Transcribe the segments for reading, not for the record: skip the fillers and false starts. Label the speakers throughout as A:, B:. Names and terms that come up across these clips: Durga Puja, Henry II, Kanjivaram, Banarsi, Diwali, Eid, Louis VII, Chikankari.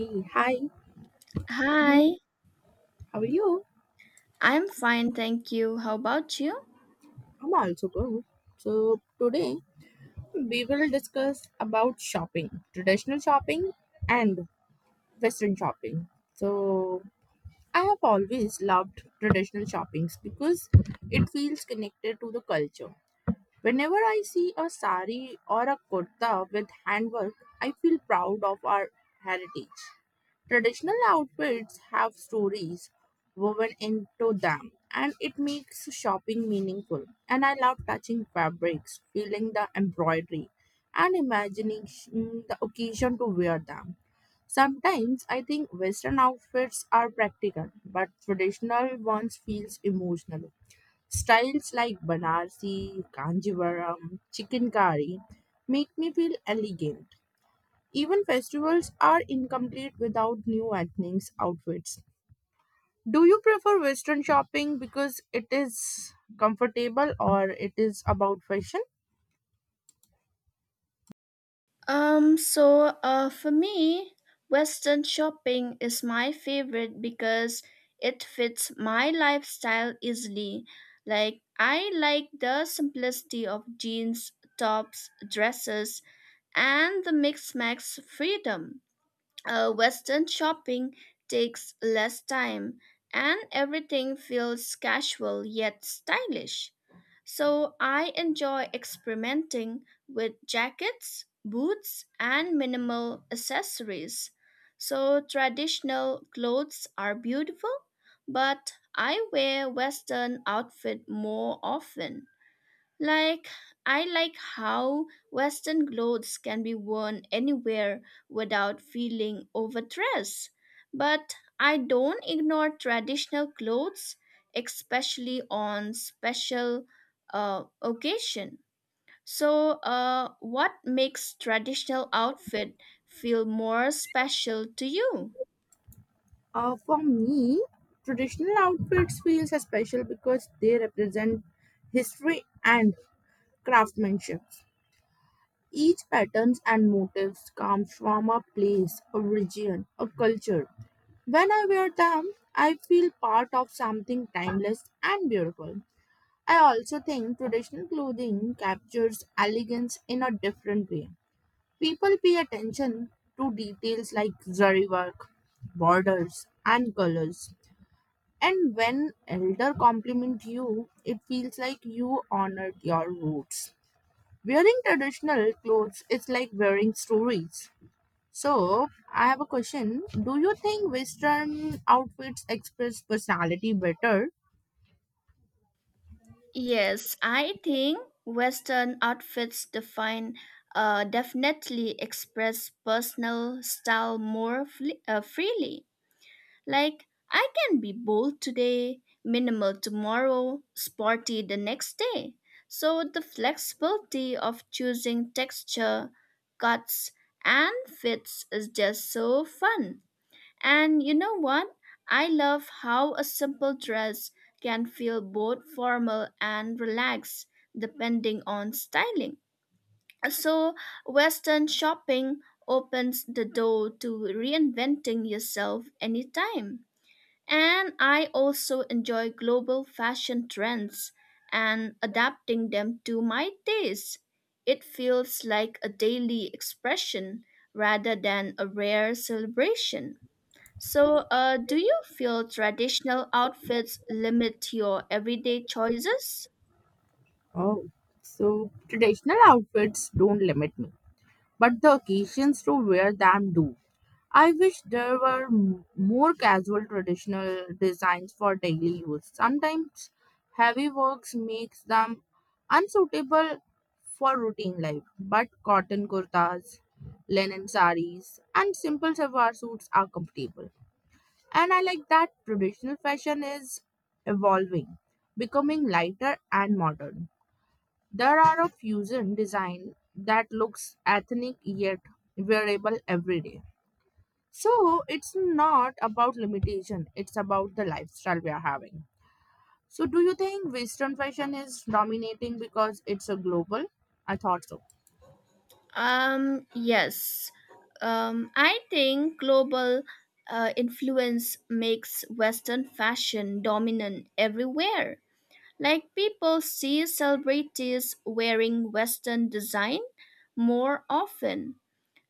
A: Hey, hi,
B: Hi,
A: how are you?
B: I'm fine, thank you. How about you?
A: I'm also good. So today we will discuss about shopping, traditional shopping and western shopping. So I have always loved traditional shoppings because it feels connected to the culture. Whenever I see a sari or a kurta with handwork, I feel proud of our heritage. Traditional outfits have stories woven into them, and it makes shopping meaningful. And I love touching fabrics, feeling the embroidery, and imagining the occasion to wear them. Sometimes I think Western outfits are practical, but traditional ones feels emotional. Styles like Banarsi, Kanjivaram, Chikankari make me feel elegant. Even festivals are incomplete without new ethnics outfits. Do you prefer Western shopping because it is comfortable or it is about fashion?
B: For me, Western shopping is my favorite because it fits my lifestyle easily. I like the simplicity of jeans, tops, dresses, and the mix max freedom. Western shopping takes less time and everything feels casual yet stylish. So I enjoy experimenting with jackets, boots, and minimal accessories. So traditional clothes are beautiful, but I wear Western outfit more often. Like, I like how Western clothes can be worn anywhere without feeling overdressed. But I don't ignore traditional clothes, especially on special occasion. So, what makes traditional outfit feel more special to you?
A: For me, traditional outfits feels special because they represent history and craftsmanship. Each patterns and motifs come from a place, a region, a culture. When I wear them, I feel part of something timeless and beautiful. I also think traditional clothing captures elegance in a different way. People pay attention to details like zari work, borders, and colors. And when elder compliment you, it feels like you honored your roots. Wearing traditional clothes is like wearing stories. So, I have a question. Do you think Western outfits express personality better?
B: Yes, I think Western outfits define definitely express personal style more freely. Like I can be bold today, minimal tomorrow, sporty the next day. So the flexibility of choosing texture, cuts, and fits is just so fun. And you know what? I love how a simple dress can feel both formal and relaxed depending on styling. So, Western shopping opens the door to reinventing yourself anytime. And I also enjoy global fashion trends and adapting them to my taste. It feels like a daily expression rather than a rare celebration. So, do you feel traditional outfits limit your everyday choices?
A: Oh, so traditional outfits don't limit me, but the occasions to wear them do. I wish there were more casual traditional designs for daily use. Sometimes heavy works makes them unsuitable for routine life, but cotton kurtas, linen saris, and simple salwar suits are comfortable. And I like that traditional fashion is evolving, becoming lighter and modern. There are a fusion design that looks ethnic yet wearable every day. So it's not about limitation, it's about the lifestyle we are having. So do you think Western fashion is dominating because it's a global? I thought so.
B: Yes. I think global influence makes Western fashion dominant everywhere. Like people see celebrities wearing Western design more often.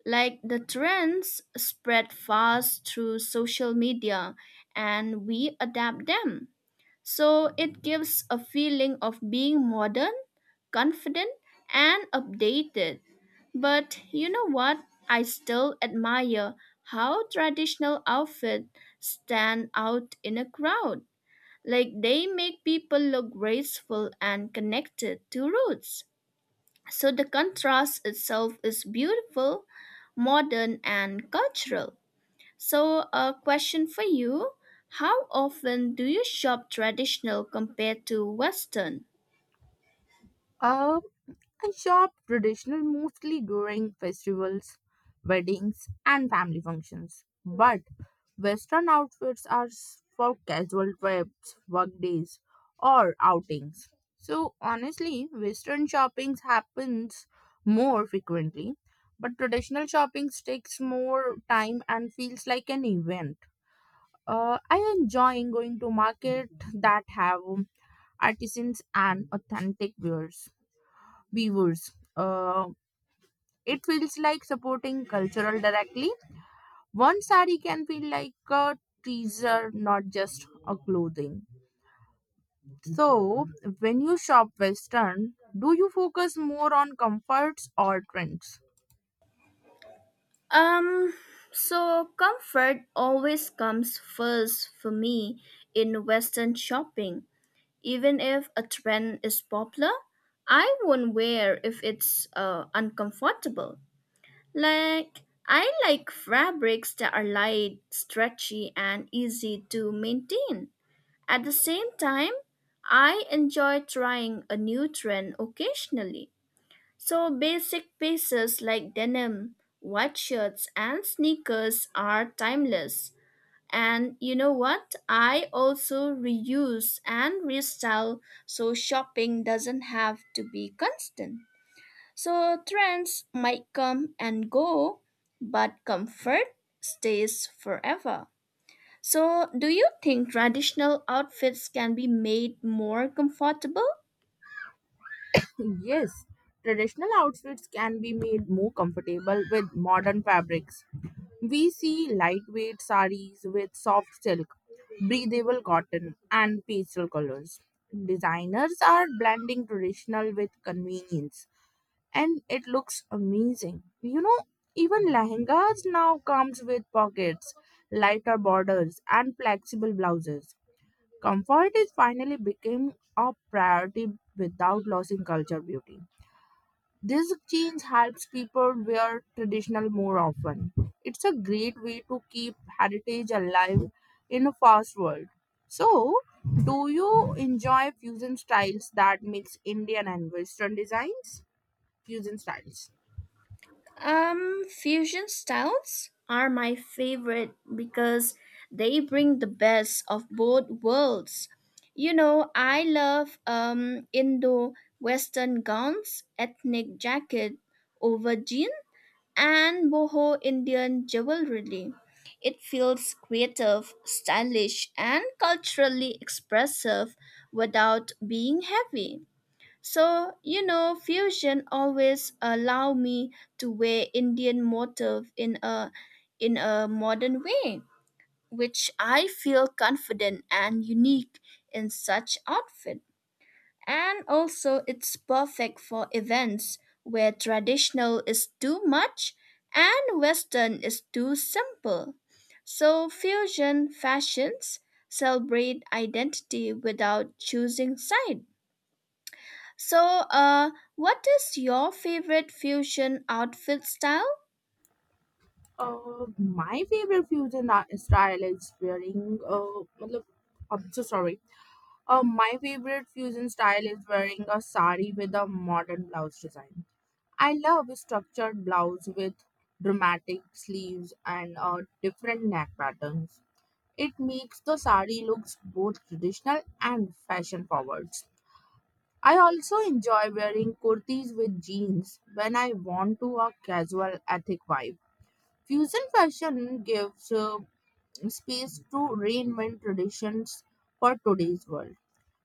B: Like the trends spread fast through social media and we adapt them. So it gives a feeling of being modern, confident, and updated. But you know what? I still admire how traditional outfits stand out in a crowd. Like they make people look graceful and connected to roots. So the contrast itself is beautiful, modern, and cultural. So, a question for you. How often do you shop traditional compared to Western?
A: Uh, I shop traditional mostly during festivals, weddings, and family functions. But Western outfits are for casual trips, work days, or outings. So honestly, Western shopping happens more frequently, but traditional shopping takes more time and feels like an event. I enjoy going to market that have artisans and authentic wares weavers. Uh, it feels like supporting cultural directly. One sari can feel like a teaser, not just a clothing. So, when you shop Western, do you focus more on comforts or trends?
B: Um, Comfort always comes first for me in Western shopping. Even if a trend is popular, I won't wear if it's uncomfortable. Like, I like fabrics that are light, stretchy, and easy to maintain. At the same time, I enjoy trying a new trend occasionally. So, basic pieces like denim, white shirts, and sneakers are timeless. And you know what? I also reuse and restyle so shopping doesn't have to be constant. So, trends might come and go, but comfort stays forever. So, do you think traditional outfits can be made more comfortable?
A: Yes, traditional outfits can be made more comfortable with modern fabrics. We see lightweight saris with soft silk, breathable cotton, and pastel colors. Designers are blending traditional with convenience, and it looks amazing. You know, even lehengas now comes with pockets, lighter borders, and flexible blouses. Comfort is finally became a priority without losing culture beauty. This change helps people wear traditional more often. It's a great way to keep heritage alive in a fast world. So, do you enjoy fusion styles that mix Indian and Western designs? Fusion styles.
B: Fusion styles are my favorite because they bring the best of both worlds. You know, I love Indo Western gowns, ethnic jacket over jeans and boho Indian jewelry. It feels creative, stylish, and culturally expressive without being heavy. So, you know, fusion always allow me to wear Indian motif in a modern way, which I feel confident and unique in such outfit. And also, it's perfect for events where traditional is too much and Western is too simple. So, fusion fashions celebrate identity without choosing side. So, what is your favorite fusion outfit style?
A: My favorite fusion style is wearing. I'm so sorry. My favorite fusion style is wearing a sari with a modern blouse design. I love a structured blouse with dramatic sleeves and different neck patterns. It makes the sari looks both traditional and fashion forward. I also enjoy wearing kurtis with jeans when I want to a casual ethic vibe. Fusion fashion gives space to reinvent traditions for today's world.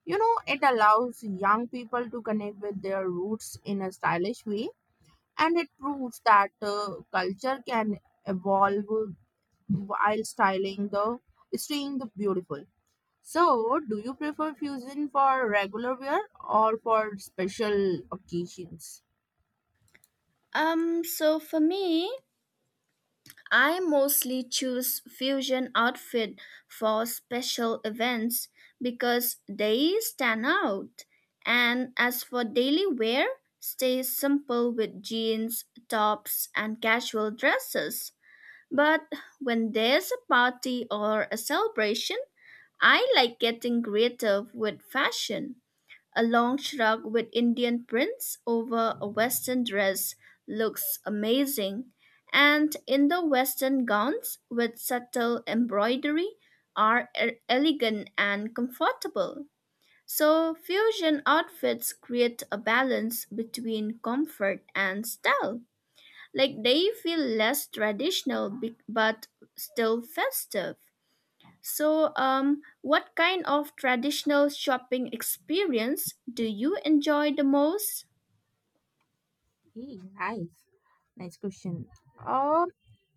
A: You know, it allows young people to connect with their roots in a stylish way, and it proves that culture can evolve while styling the staying the beautiful. So, do you prefer fusion for regular wear or for special occasions?
B: For me, I mostly choose fusion outfit for special events because they stand out. And as for daily wear, stay simple with jeans, tops, and casual dresses. But when there's a party or a celebration, I like getting creative with fashion. A long shrug with Indian prints over a Western dress looks amazing, and Indo Western gowns with subtle embroidery are elegant and comfortable. So, fusion outfits create a balance between comfort and style. Like they feel less but still festive. So, what kind of traditional shopping experience do you enjoy the most?
A: Hey, nice, nice question. Um,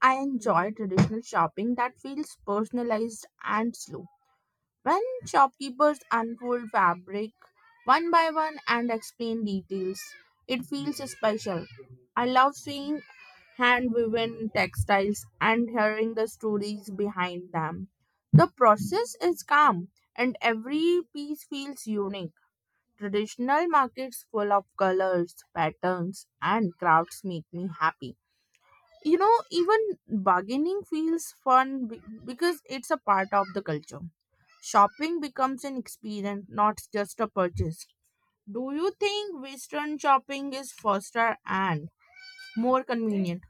A: I enjoy traditional shopping that feels personalized and slow. When shopkeepers unfold fabric one by one and explain details, it feels special. I love seeing hand woven textiles and hearing the stories behind them. The process is calm and every piece feels unique. Traditional markets full of colors, patterns, and crafts make me happy. You know, even bargaining feels fun because it's a part of the culture. Shopping becomes an experience, not just a purchase. Do you think western shopping is faster and more convenient?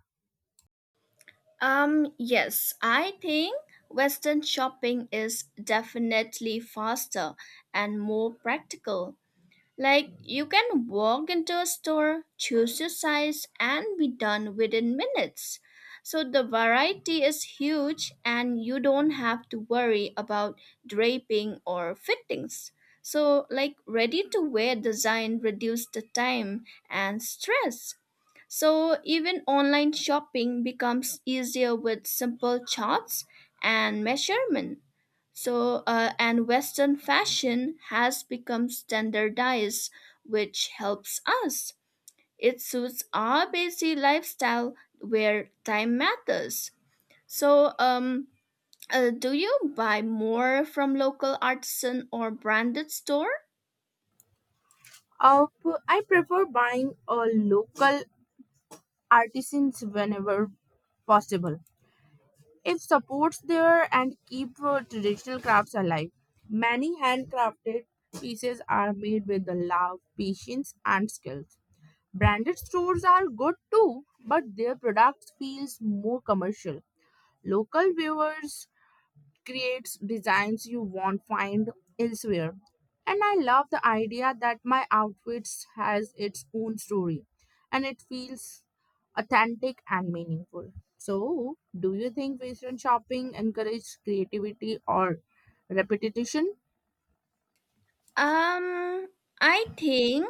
B: Yes, I think Western shopping is definitely faster and more practical. Like, you can walk into a store, choose your size, and be done within minutes. So, the variety is huge, and you don't have to worry about draping or fittings. So, like, ready to wear design reduces the time and stress. So, even online shopping becomes easier with simple charts and measurement. So, and Western fashion has become standardized, which helps us. It suits our busy lifestyle where time matters. So, do you buy more from local artisan or branded store?
A: I prefer buying a local artisans whenever possible. It supports there and keep traditional crafts alive. Many handcrafted pieces are made with the love patience and skill. Branded stores are good too, but their product feels more commercial. Local viewers creates designs you won't find elsewhere. And I love the idea that my outfits has its own story and it feels authentic and meaningful. So, do you think Western shopping encourages creativity or repetition?
B: Um, I think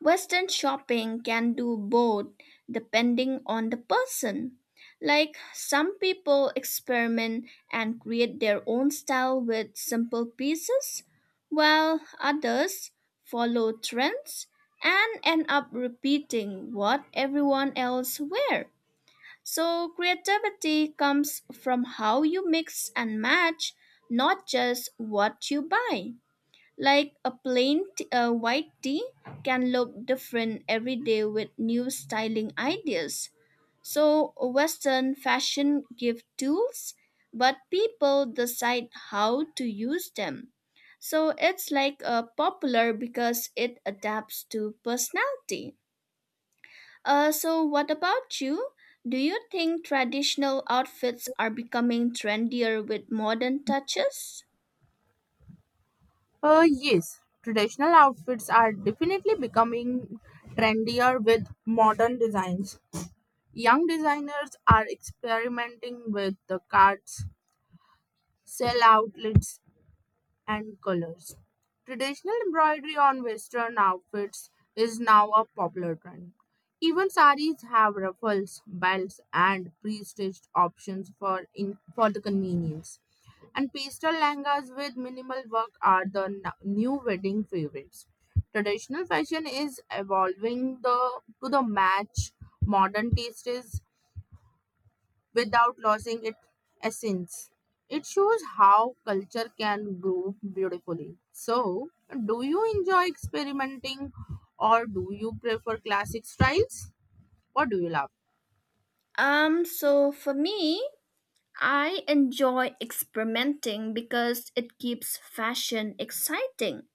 B: Western shopping can do both depending on the person. Like some people experiment and create their own style with simple pieces, while others follow trends and end up repeating what everyone else wear. So creativity comes from how you mix and match, not just what you buy. Like a plain white tee can look different every day with new styling ideas. So Western fashion give tools, but people decide how to use them. So it's like popular because it adapts to personality. So what about you? Do you think traditional outfits are becoming trendier with modern touches?
A: Yes, traditional outfits are definitely becoming trendier with modern designs. Young designers are experimenting with the cards, sell outlets, and colors. Traditional embroidery on Western outfits is now a popular trend. Even saris have ruffles, belts, and pre-stitched options for in for the convenience. And pastel langas with minimal work are the new wedding favorites. Traditional fashion is evolving the to the match modern tastes without losing its essence. It shows how culture can grow beautifully. So, do you enjoy experimenting or do you prefer classic styles? What do you love?
B: For me, I enjoy experimenting because it keeps fashion exciting.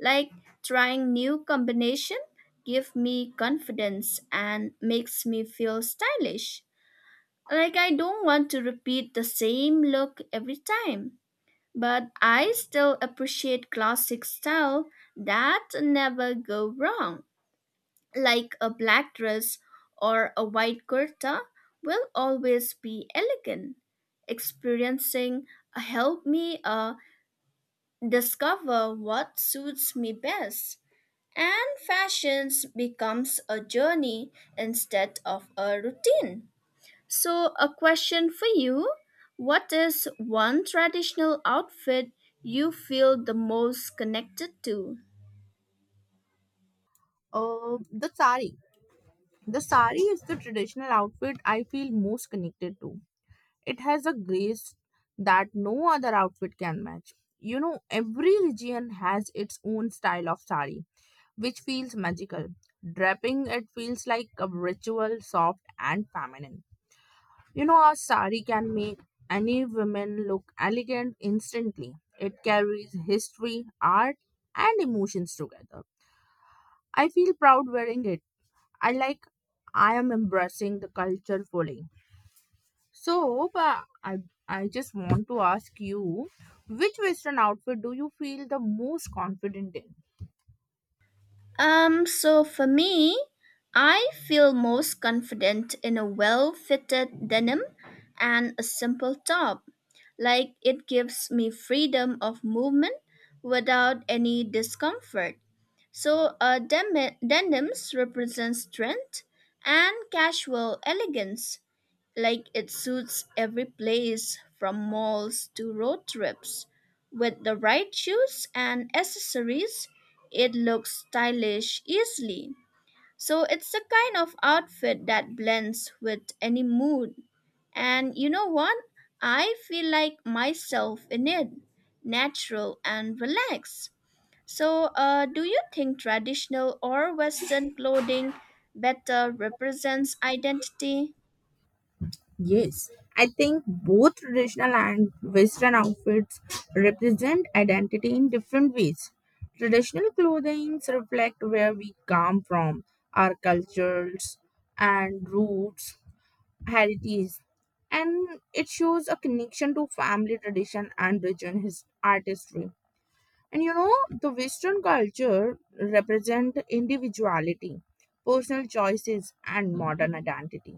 B: Like trying new combination give me confidence and makes me feel stylish. Like I don't want to repeat the same look every time. But I still appreciate classic style that never go wrong like a black dress or a white kurta will always be elegant. Experiencing help me discover what suits me best. And fashions becomes a journey instead of a routine. So a question for you. What is one traditional outfit you feel the most connected to?
A: The sari. The sari is the traditional outfit I feel most connected to. It has a grace that no other outfit can match. You know, every region has its own style of sari which feels magical. Draping it feels like a ritual, soft and feminine. You know, a sari can make any woman look elegant instantly. It carries history, art, and emotions together. I feel proud wearing it. I like I am embracing the culture fully. So, but I just want to ask you, which western outfit do you feel the most confident in?
B: For me, I feel most confident in a well fitted denim and a simple top. Like it gives me freedom of movement without any discomfort. So denims represent strength and casual elegance. Like it suits every place from malls to road trips. With the right shoes and accessories, it looks stylish easily. So it's the kind of outfit that blends with any mood. And you know what? I feel like myself in it, natural and relaxed. So, do you think traditional or Western clothing better represents identity?
A: Yes, I think both traditional and Western outfits represent identity in different ways. Traditional clothing reflect where we come from, our cultures and roots, heritage, and it shows a connection to family tradition and region his artistry. And you know, the Western culture represent individuality, personal choices, and modern identity.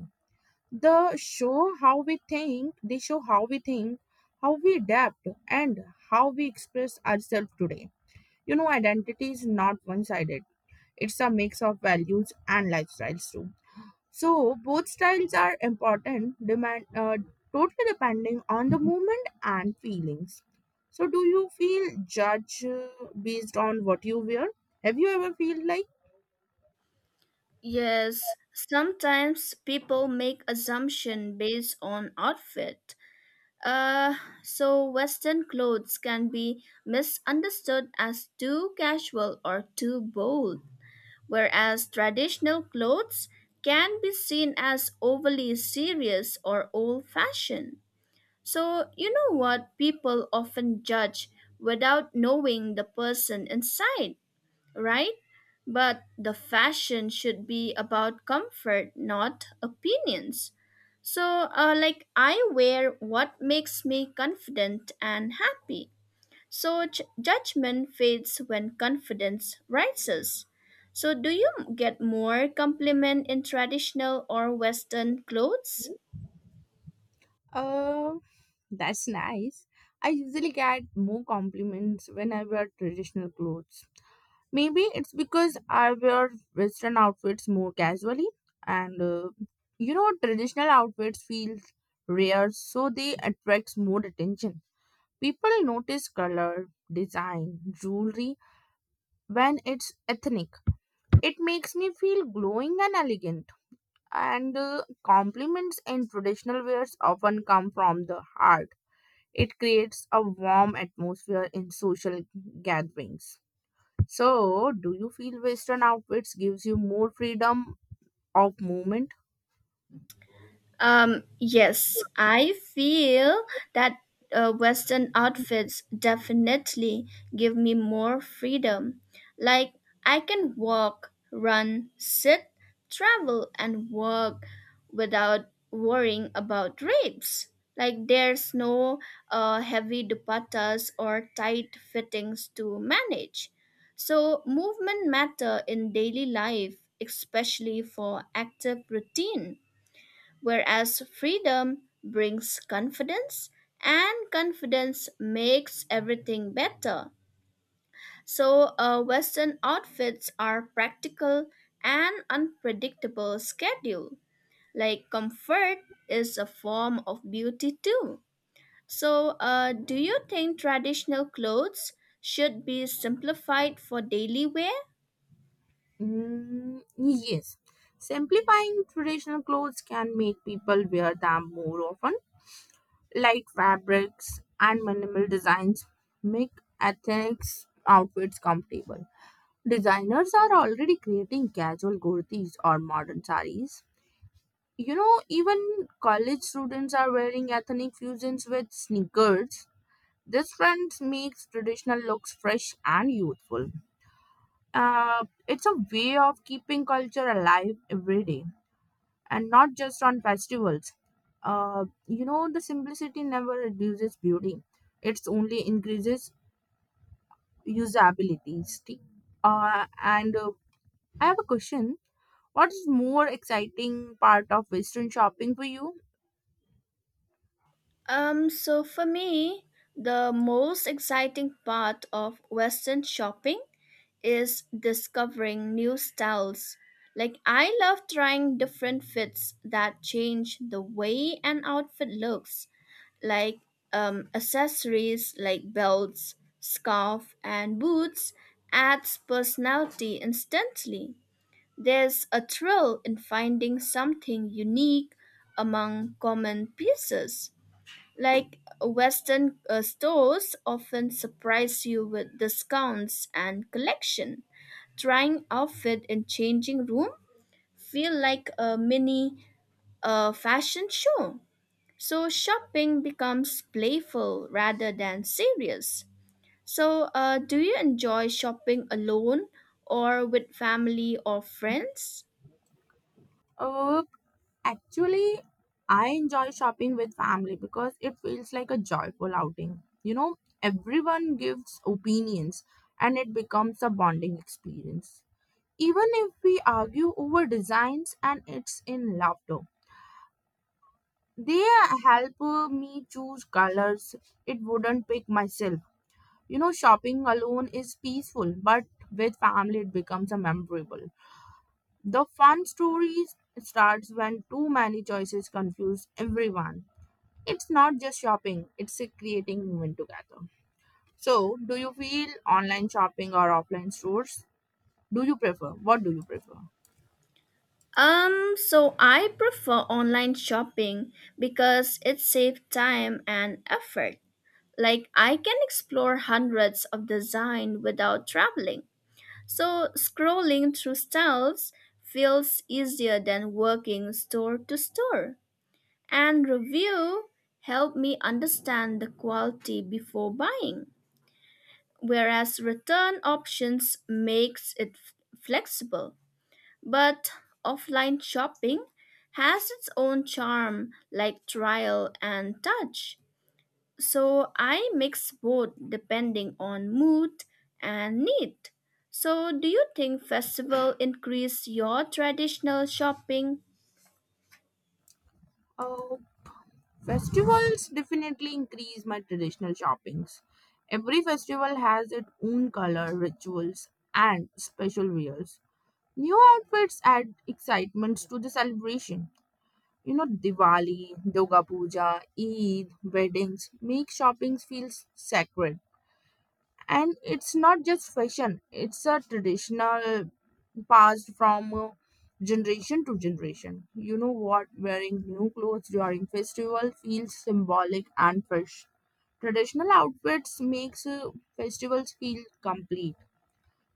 A: They show how we think, how we adapt, and how we express ourselves today. You know, identity is not one sided, it's a mix of values and lifestyles too. So, both styles are important, demand, totally depending on the moment and feelings. So, do you feel judged based on what you wear? Have you ever feel like?
B: Yes, sometimes people make assumption based on outfit. Uh, so Western clothes can be misunderstood as too casual or too bold, whereas traditional clothes can be seen as overly serious or old-fashioned. So, you know what? People often judge without knowing the person inside, right? But the fashion should be about comfort, not opinions. So, like, I wear what makes me confident and happy. So, judgment fades when confidence rises. So, do you get more compliment in traditional or Western clothes?
A: Uh, That's nice. I usually get more compliments when I wear traditional clothes. Maybe it's because I wear Western outfits more casually, and you know, traditional outfits feel rare, so they attract more attention. People notice color, design, jewelry when it's ethnic. It makes me feel glowing and elegant. And compliments in traditional wears often come from the heart. It creates a warm atmosphere in social gatherings. So, do you feel Western outfits gives you more freedom of movement?
B: Yes, I feel that Western outfits definitely give me more freedom. Like, I can walk, run, sit, travel, and work without worrying about rates. Like, there's no heavy dupattas or tight fittings to manage. So, movement matter in daily life, especially for active routine. Whereas freedom brings confidence, and confidence makes everything better. So, Western outfits are practical and unpredictable schedule. Like comfort is a form of beauty too. So, do you think traditional clothes should be simplified for daily wear?
A: Mm, yes. Simplifying traditional clothes can make people wear them more often. Light fabrics and minimal designs make ethnic outfits comfortable. Designers are already creating casual kurtis or modern saris. You know, even college students are wearing ethnic fusions with sneakers. This trend makes traditional looks fresh and youthful. It's a way of keeping culture alive every day and not just on festivals. You know, the simplicity never reduces beauty, it's only increases usability. And I have a question. What is more exciting part of Western shopping for you?
B: For me, the most exciting part of Western shopping is discovering new styles. Like, I love trying different fits that change the way an outfit looks, like accessories like belts, scarf, and boots adds personality instantly. There's a thrill in finding something unique among common pieces. Like Western stores often surprise you with discounts and collection trying outfit in changing room feel like a mini fashion show. So shopping becomes playful rather than serious. So do you enjoy shopping alone or with family or friends?
A: Uh, actually, I enjoy shopping with family because it feels like a joyful outing. You know, everyone gives opinions and it becomes a bonding experience. Even if we argue over designs and it's in laughter, they help me choose colors it wouldn't pick myself. You know, shopping alone is peaceful, but with family it becomes a memorable. The fun story starts when too many choices confuse everyone. It's not just shopping, it's a creating moment together. So, do you feel online shopping or offline stores? Do you prefer? What do you prefer?
B: I prefer online shopping because it saves time and effort. Like I can explore hundreds of design without traveling. So scrolling through shelves feels easier than working store to store. And review help me understand the quality before buying, whereas return options makes it flexible. But offline shopping has its own charm like trial and touch. So I mix both depending on mood and need. So do you think festival increase your traditional shopping?
A: Uh, festivals definitely increase my traditional shoppings. Every festival has its own color, rituals, and special wears. New outfits add excitement to the celebration. You know, Diwali, Durga Puja, Eid, weddings make shopping feels sacred. And it's not just fashion, it's a traditional passed from generation to generation. You know what? Wearing new clothes during festival feels symbolic and fresh. Traditional outfits makes festivals feel complete.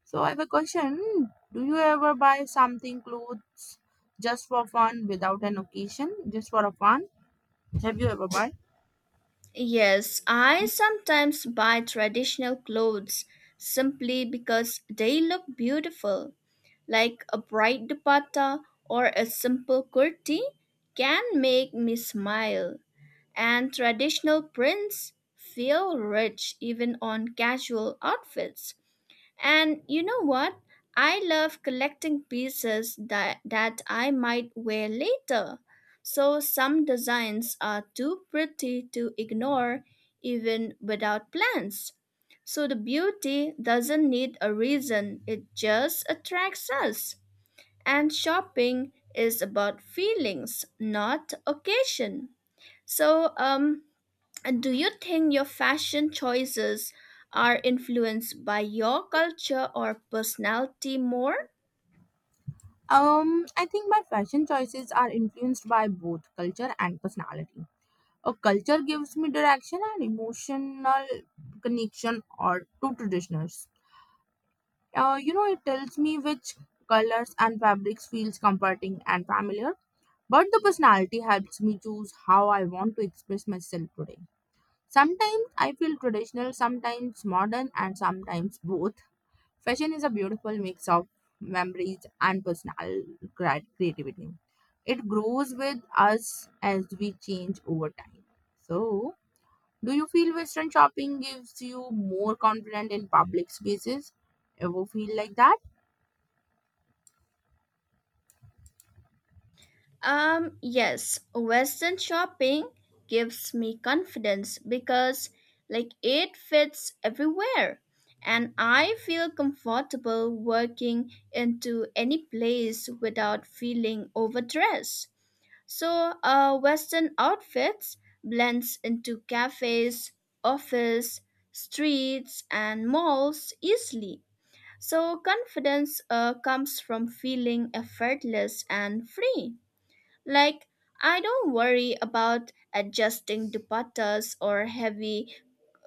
A: So I have a question. Do you ever buy something clothes just for fun without an occasion, just for a fun? Have you ever buy?
B: Yes, I sometimes buy traditional clothes simply because they look beautiful. Like a bright dupatta or a simple kurti can make me smile. And traditional prints feel rich even on casual outfits. And you know what? I love collecting pieces that I might wear later. So some designs are too pretty to ignore even without plans. So the beauty doesn't need a reason, it just attracts us. And shopping is about feelings, not occasion. So, and do you think your fashion choices are influenced by your culture or personality more?
A: I think my fashion choices are influenced by both culture and personality. A culture gives me direction and emotional connection or to traditionals. You know, it tells me which colors and fabrics feels comforting and familiar. But the personality helps me choose how I want to express myself today. Sometimes I feel traditional, sometimes modern, and sometimes both. Fashion is a beautiful mix of memories and personal creativity. It grows with us as we change over time. So, do you feel Western shopping gives you more confidence in public spaces? Ever feel like that?
B: Yes, Western shopping gives me confidence because like it fits everywhere and I feel comfortable working into any place without feeling overdressed. So, Western outfits blends into cafes, office, streets, and malls easily. So, confidence comes from feeling effortless and free. Like, I don't worry about adjusting dupattas or heavy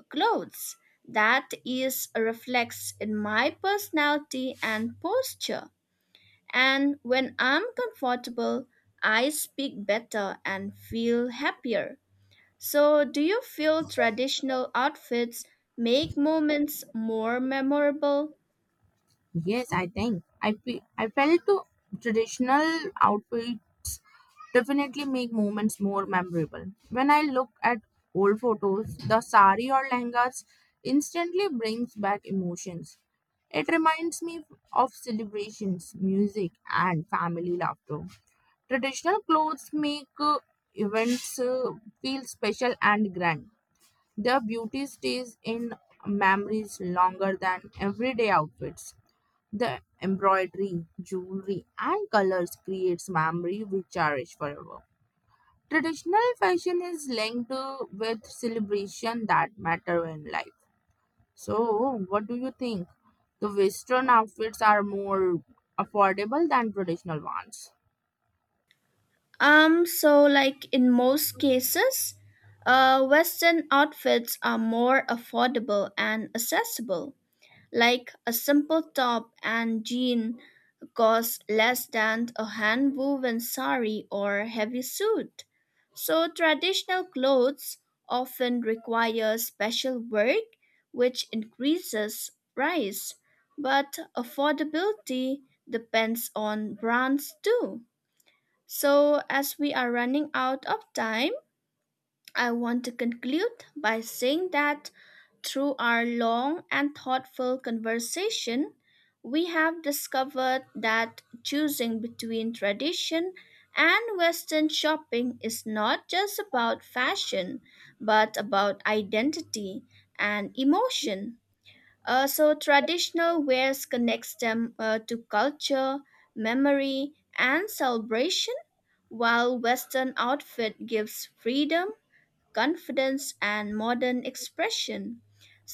B: clothes. That is reflects in my personality and posture. And when I'm comfortable, I speak better and feel happier. So, do you feel traditional outfits make moments more memorable?
A: Yes, I think I felt the traditional outfits definitely make moments more memorable. When I look at old photos, the sari or langas instantly brings back emotions. It reminds me of celebrations, music, and family laughter. Traditional clothes make events feel special and grand. Their beauty stays in memories longer than everyday outfits. The embroidery, jewelry, and colors creates memory we cherish forever. Traditional fashion is linked with celebration that matter in life. So, what do you think? The Western outfits are more affordable than traditional ones.
B: Like in most cases, Western outfits are more affordable and accessible. Like a simple top and jean cost less than a hand woven sari or heavy suit. So traditional clothes often require special work which increases price, but affordability depends on brands too. So as we are running out of time, I want to conclude by saying that through our long and thoughtful conversation, we have discovered that choosing between tradition and Western shopping is not just about fashion, but about identity and emotion. So, traditional wares connects them to culture, memory, and celebration, while Western outfit gives freedom confidence, and modern expression.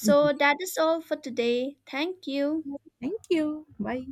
A: Yes.
B: that is all for today. Thank you.
A: Thank you. Bye.